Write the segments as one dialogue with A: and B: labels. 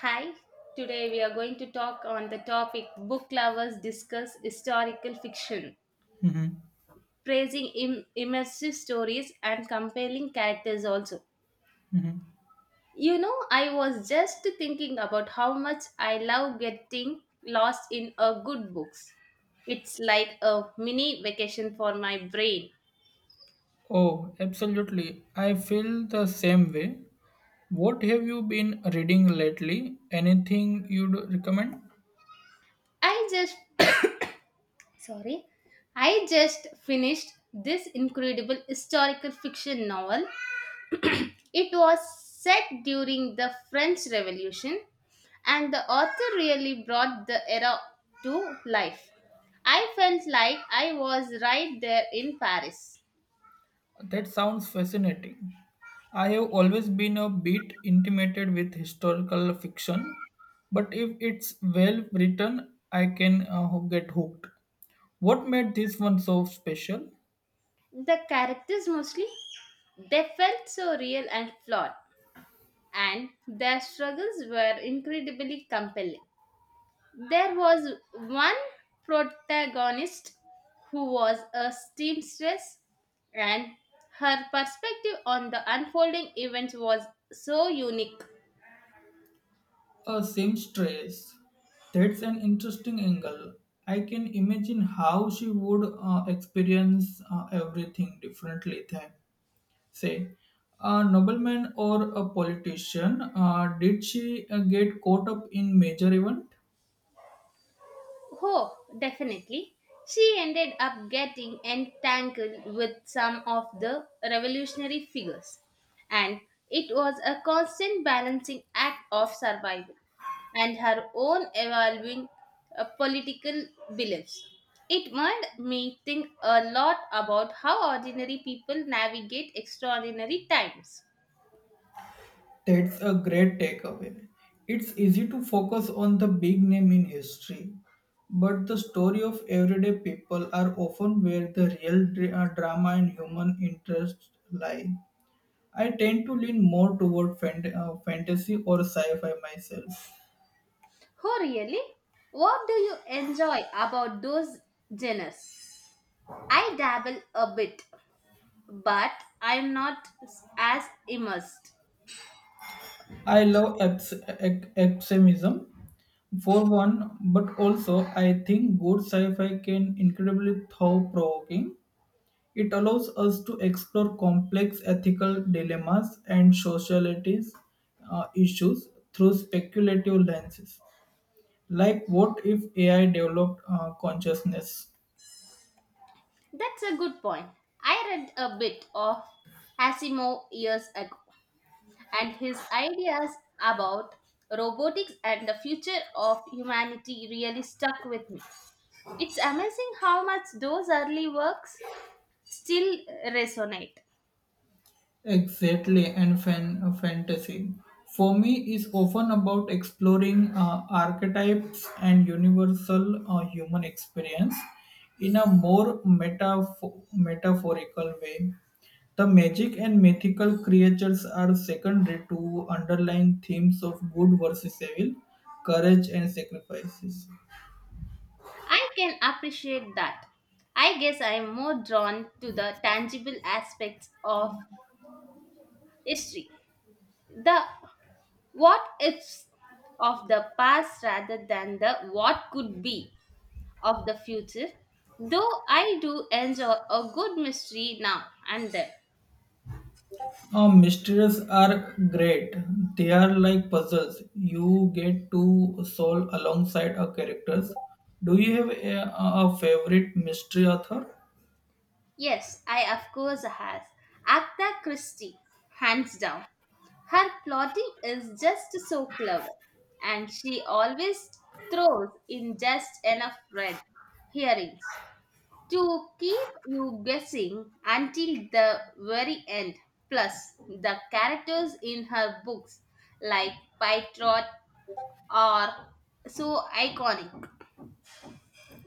A: Hi, today we are going to talk on the topic book lovers discuss historical fiction,
B: Mm-hmm.
A: praising immersive stories and compelling characters also.
B: Mm-hmm.
A: You know, I was just thinking about how much I love getting lost in a good books. It's like a mini vacation for my brain.
B: Oh, absolutely. I feel the same way. What have you been reading lately? Anything you'd recommend?
A: I just sorry I just finished this incredible historical fiction novel it was set during the French Revolution, and the author really brought the era to life. I felt like I was right there in Paris.
B: That sounds fascinating. I have always been a bit intimidated with historical fiction, but if it's well written, I can get hooked. What made this one so special?
A: The characters mostly, they felt so real and flawed, and their struggles were incredibly compelling. There was one protagonist who was a seamstress, and her perspective on the unfolding events was so unique.
B: A seamstress. That's an interesting angle. I can imagine how she would experience everything differently than, say, a nobleman or a politician. Did she get caught up in major event?
A: Oh, definitely. She ended up getting entangled with some of the revolutionary figures, and it was a constant balancing act of survival and her own evolving political beliefs. It made me think a lot about how ordinary people navigate extraordinary times.
B: That's a great takeaway. It's easy to focus on the big name in history, but the story of everyday people are often where the real drama and human interest lie. I tend to lean more toward fantasy or sci-fi myself.
A: Oh, really? What do you enjoy about those genres? I dabble a bit, but I'm not s- as immersed.
B: I love extremism for one, but also I think good sci-fi can incredibly thought-provoking. It allows us to explore complex ethical dilemmas and societies issues through speculative lenses, like what if AI developed consciousness?
A: That's a good point. I read a bit of Asimov years ago, and his ideas about robotics and the future of humanity really stuck with me. It's amazing how much those early works still resonate.
B: Exactly, and fantasy. For me, is often about exploring archetypes and universal human experience in a more metaphorical way. The magic and mythical creatures are secondary to underlying themes of good versus evil, courage and sacrifices.
A: I can appreciate that. I guess I'm more drawn to the tangible aspects of history, the what ifs of the past rather than the what could be of the future, though I do enjoy a good mystery now and then.
B: Oh, mysteries are great. They are like puzzles. You get to solve alongside our characters. Do you have a favorite mystery author?
A: Yes, I of course has. Agatha Christie, hands down. Her plotting is just so clever, and she always throws in just enough red herrings to keep you guessing until the very end. Plus, the characters in her books, like Pytrot, are so iconic.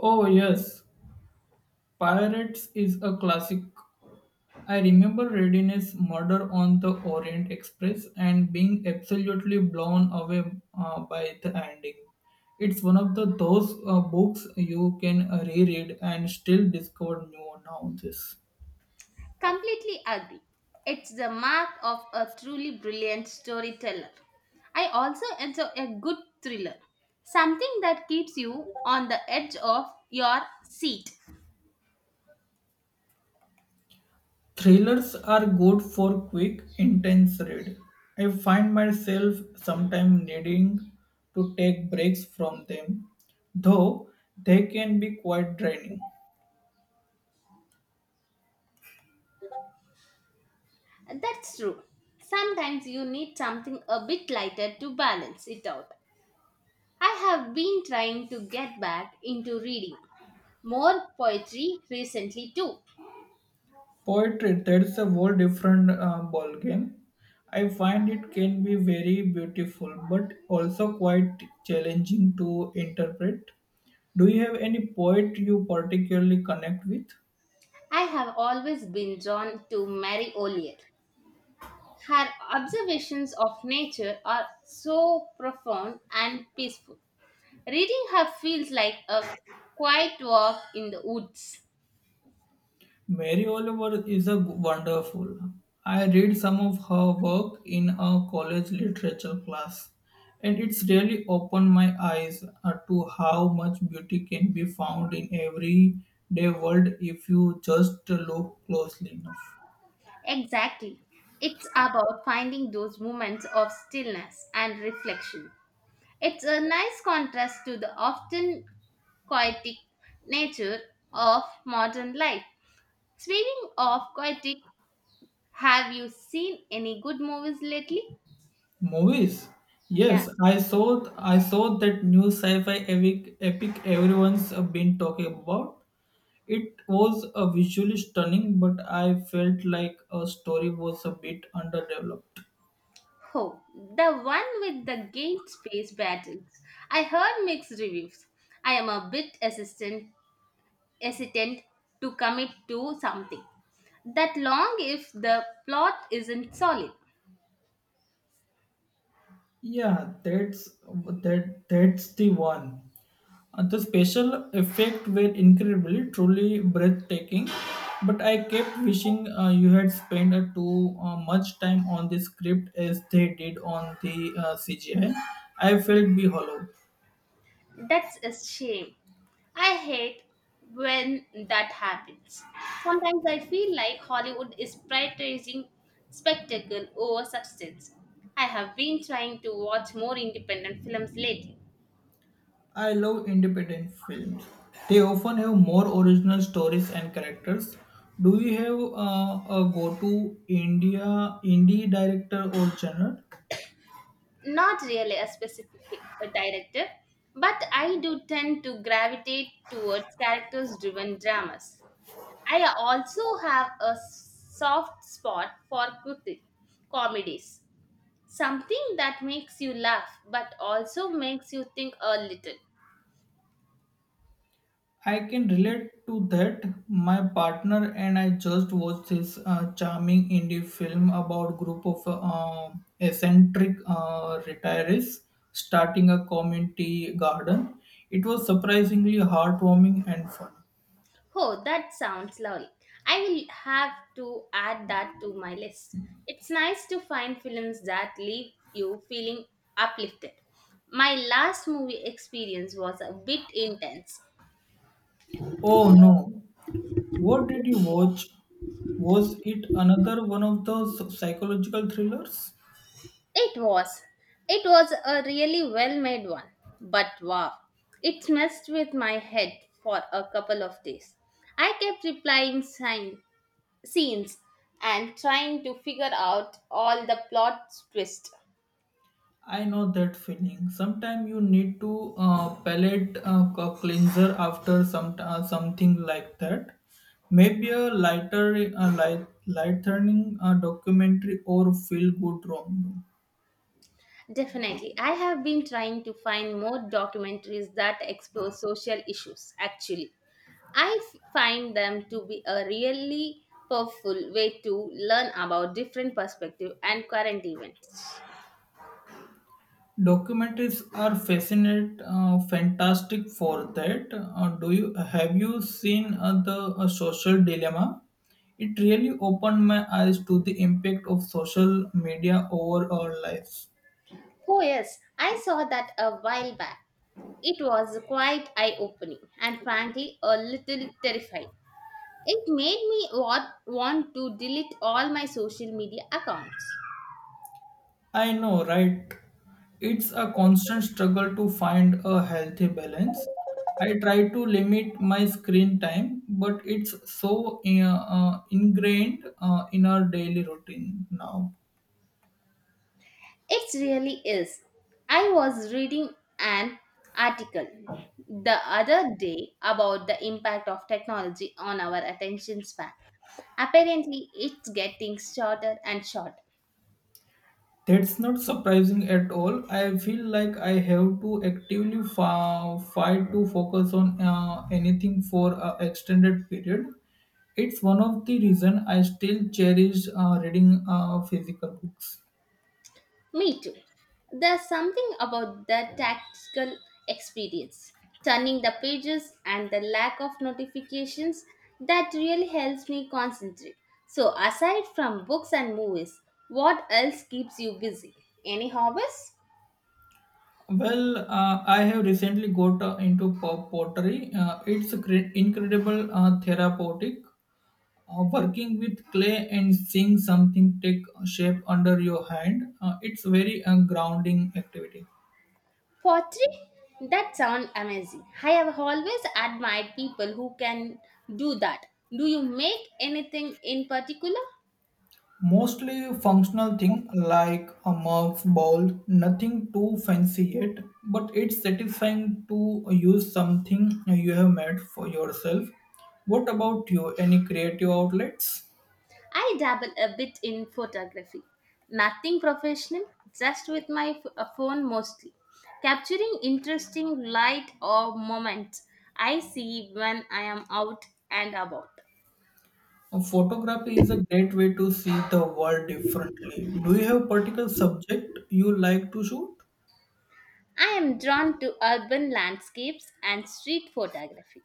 B: Oh, yes. Pirates is a classic. I remember reading his Murder on the Orient Express and being absolutely blown away by the ending. It's one of the those books you can reread and still discover new nowadays.
A: Completely agree. It's the mark of a truly brilliant storyteller. I also enjoy a good thriller, something that keeps you on the edge of your seat.
B: Thrillers are good for quick, intense read. I find myself sometimes needing to take breaks from them, though they can be quite draining.
A: That's true. Sometimes you need something a bit lighter to balance it out. I have been trying to get back into reading more poetry recently too.
B: Poetry, that's a whole different ball game. I find it can be very beautiful, but also quite challenging to interpret. Do you have any poet you particularly connect with?
A: I have always been drawn to Mary Olier. Her observations of nature are so profound and peaceful. Reading her feels like a quiet walk in the woods.
B: Mary Oliver is a wonderful. I read some of her work in a college literature class, and it's really opened my eyes to how much beauty can be found in everyday world if you just look closely enough.
A: Exactly. It's about finding those moments of stillness and reflection. It's a nice contrast to the often chaotic nature of modern life. Speaking of chaotic, have you seen any good movies lately?
B: Movies.
A: Yeah.
B: Yes, I saw that new sci-fi epic everyone's been talking about. It was a visually stunning, but I felt like a story was a bit underdeveloped.
A: Oh, the one with the game space battles. I heard mixed reviews. I am a bit hesitant to commit to something that long if the plot isn't solid.
B: Yeah, that's the one. And the special effects were incredibly, truly breathtaking. But I kept wishing you had spent too much time on the script as they did on the CGI. I felt be hollow.
A: That's a shame. I hate when that happens. Sometimes I feel like Hollywood is prioritizing spectacle over substance. I have been trying to watch more independent films lately.
B: I love independent films. They often have more original stories and characters. Do you have a go-to India indie director or genre?
A: Not really a specific director, but I do tend to gravitate towards characters driven dramas. I also have a soft spot for quick comedies. Something that makes you laugh but also makes you think a little.
B: I can relate to that. My partner and I just watched this charming indie film about group of eccentric retirees starting a community garden. It was surprisingly heartwarming and fun.
A: Oh, that sounds lovely. I will have to add that to my list. It's nice to find films that leave you feeling uplifted. My last movie experience was a bit intense.
B: Oh no, what did you watch? Was it another one of those psychological thrillers?
A: It was. It was a really well made one. But wow, it messed with my head for a couple of days. I kept replying sign scenes and trying to figure out all the plot twist.
B: I know that feeling. Sometimes you need to palate cleanser after something like that. Maybe a lighter, a light, light turning documentary or feel good rom.
A: Definitely. I have been trying to find more documentaries that explore social issues, actually. Find them to be a really powerful way to learn about different perspectives and current events.
B: Documentaries are fantastic for that. Do you have you seen the social dilemma? It really opened my eyes to the impact of social media over our lives.
A: Oh, yes, I saw that a while back. It was quite eye opening and frankly a little terrifying. It made me want to delete all my social media accounts.
B: I know, right? It's a constant struggle to find a healthy balance. I try to limit my screen time, but it's so ingrained in our daily routine now.
A: It really is. I was reading an article the other day about the impact of technology on our attention span. Apparently, it's getting shorter and shorter.
B: That's not surprising at all. I feel like I have to actively fight to focus on anything for an extended period. It's one of the reason I still cherish reading physical books.
A: Me too. There's something about the tactical experience, turning the pages and the lack of notifications that really helps me concentrate. So, aside from books and movies, what else keeps you busy? Any hobbies?
B: Well, I have recently got into pottery. It's a incredible therapeutic. Working with clay and seeing something take shape under your hand, it's very grounding activity.
A: Pottery? That sounds amazing. I have always admired people who can do that. Do you make anything in particular?
B: Mostly functional thing like a mug's bowl, nothing too fancy yet, but it's satisfying to use something you have made for yourself. What about you? Any creative outlets?
A: I dabble a bit in photography. Nothing professional, just with my phone mostly. Capturing interesting light or moments I see when I am out and about.
B: Photography is a great way to see the world differently. Do you have particular subject you like to shoot?
A: I am drawn to urban landscapes and street photography.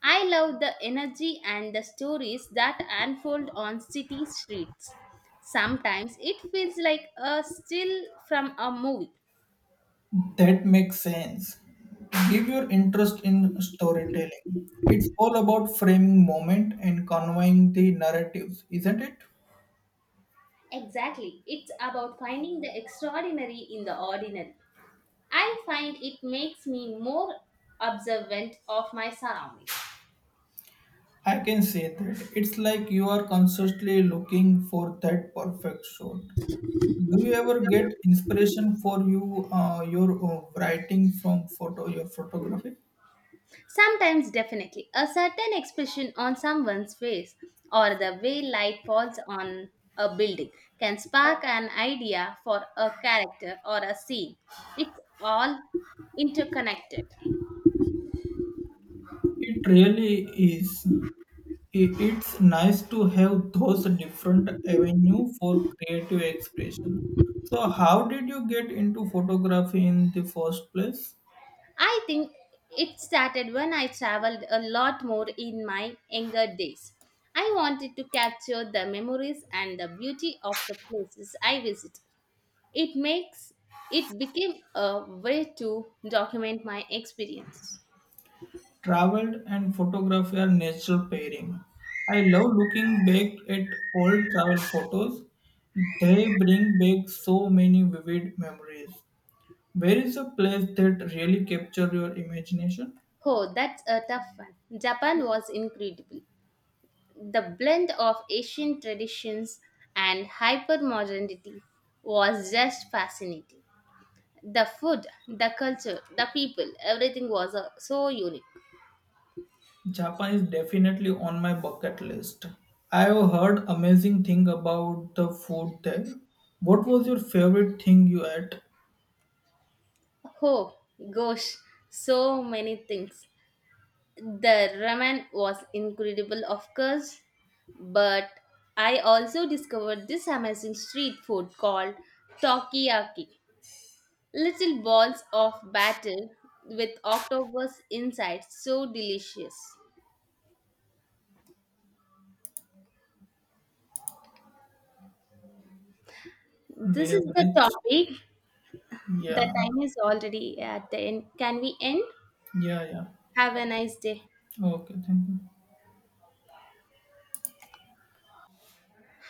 A: I love the energy and the stories that unfold on city streets. Sometimes it feels like a still from a movie.
B: That makes sense. Give your interest in storytelling. It's all about framing moment and conveying the narratives, isn't it?
A: Exactly. It's about finding the extraordinary in the ordinary. I find it makes me more observant of my surroundings.
B: I can say that. It's like you are constantly looking for that perfect shot. Do you ever get inspiration for your writing from photo your photography?
A: Sometimes, definitely, a certain expression on someone's face or the way light falls on a building can spark an idea for a character or a scene. It's all interconnected.
B: It really is. It's nice to have those different avenue for creative expression. So how did you get into photography in the first place?
A: I think it started when I traveled a lot more in my younger days. I wanted to capture the memories and the beauty of the places I visit. It makes it became a way to document my experience.
B: Traveled and photography are natural pairing. I love looking back at old travel photos. They bring back so many vivid memories. Where is a place that really captured your imagination?
A: Oh, that's a tough one. Japan was incredible. The blend of Asian traditions and hypermodernity was just fascinating. The food, the culture, the people, everything was so unique.
B: Japan is definitely on my bucket list. I have heard amazing thing about the food there. What was your favorite thing you ate?
A: Oh gosh, so many things. The ramen was incredible, of course, but I also discovered this amazing street food called Tokiyaki. Little balls of batter with octopus inside, so delicious.
B: We
A: This
B: have
A: is the
B: reached.
A: topic. The
B: Yeah,
A: time is already at the end. Can we end?
B: yeah, yeah.
A: Have a nice day.
B: Okay, thank you.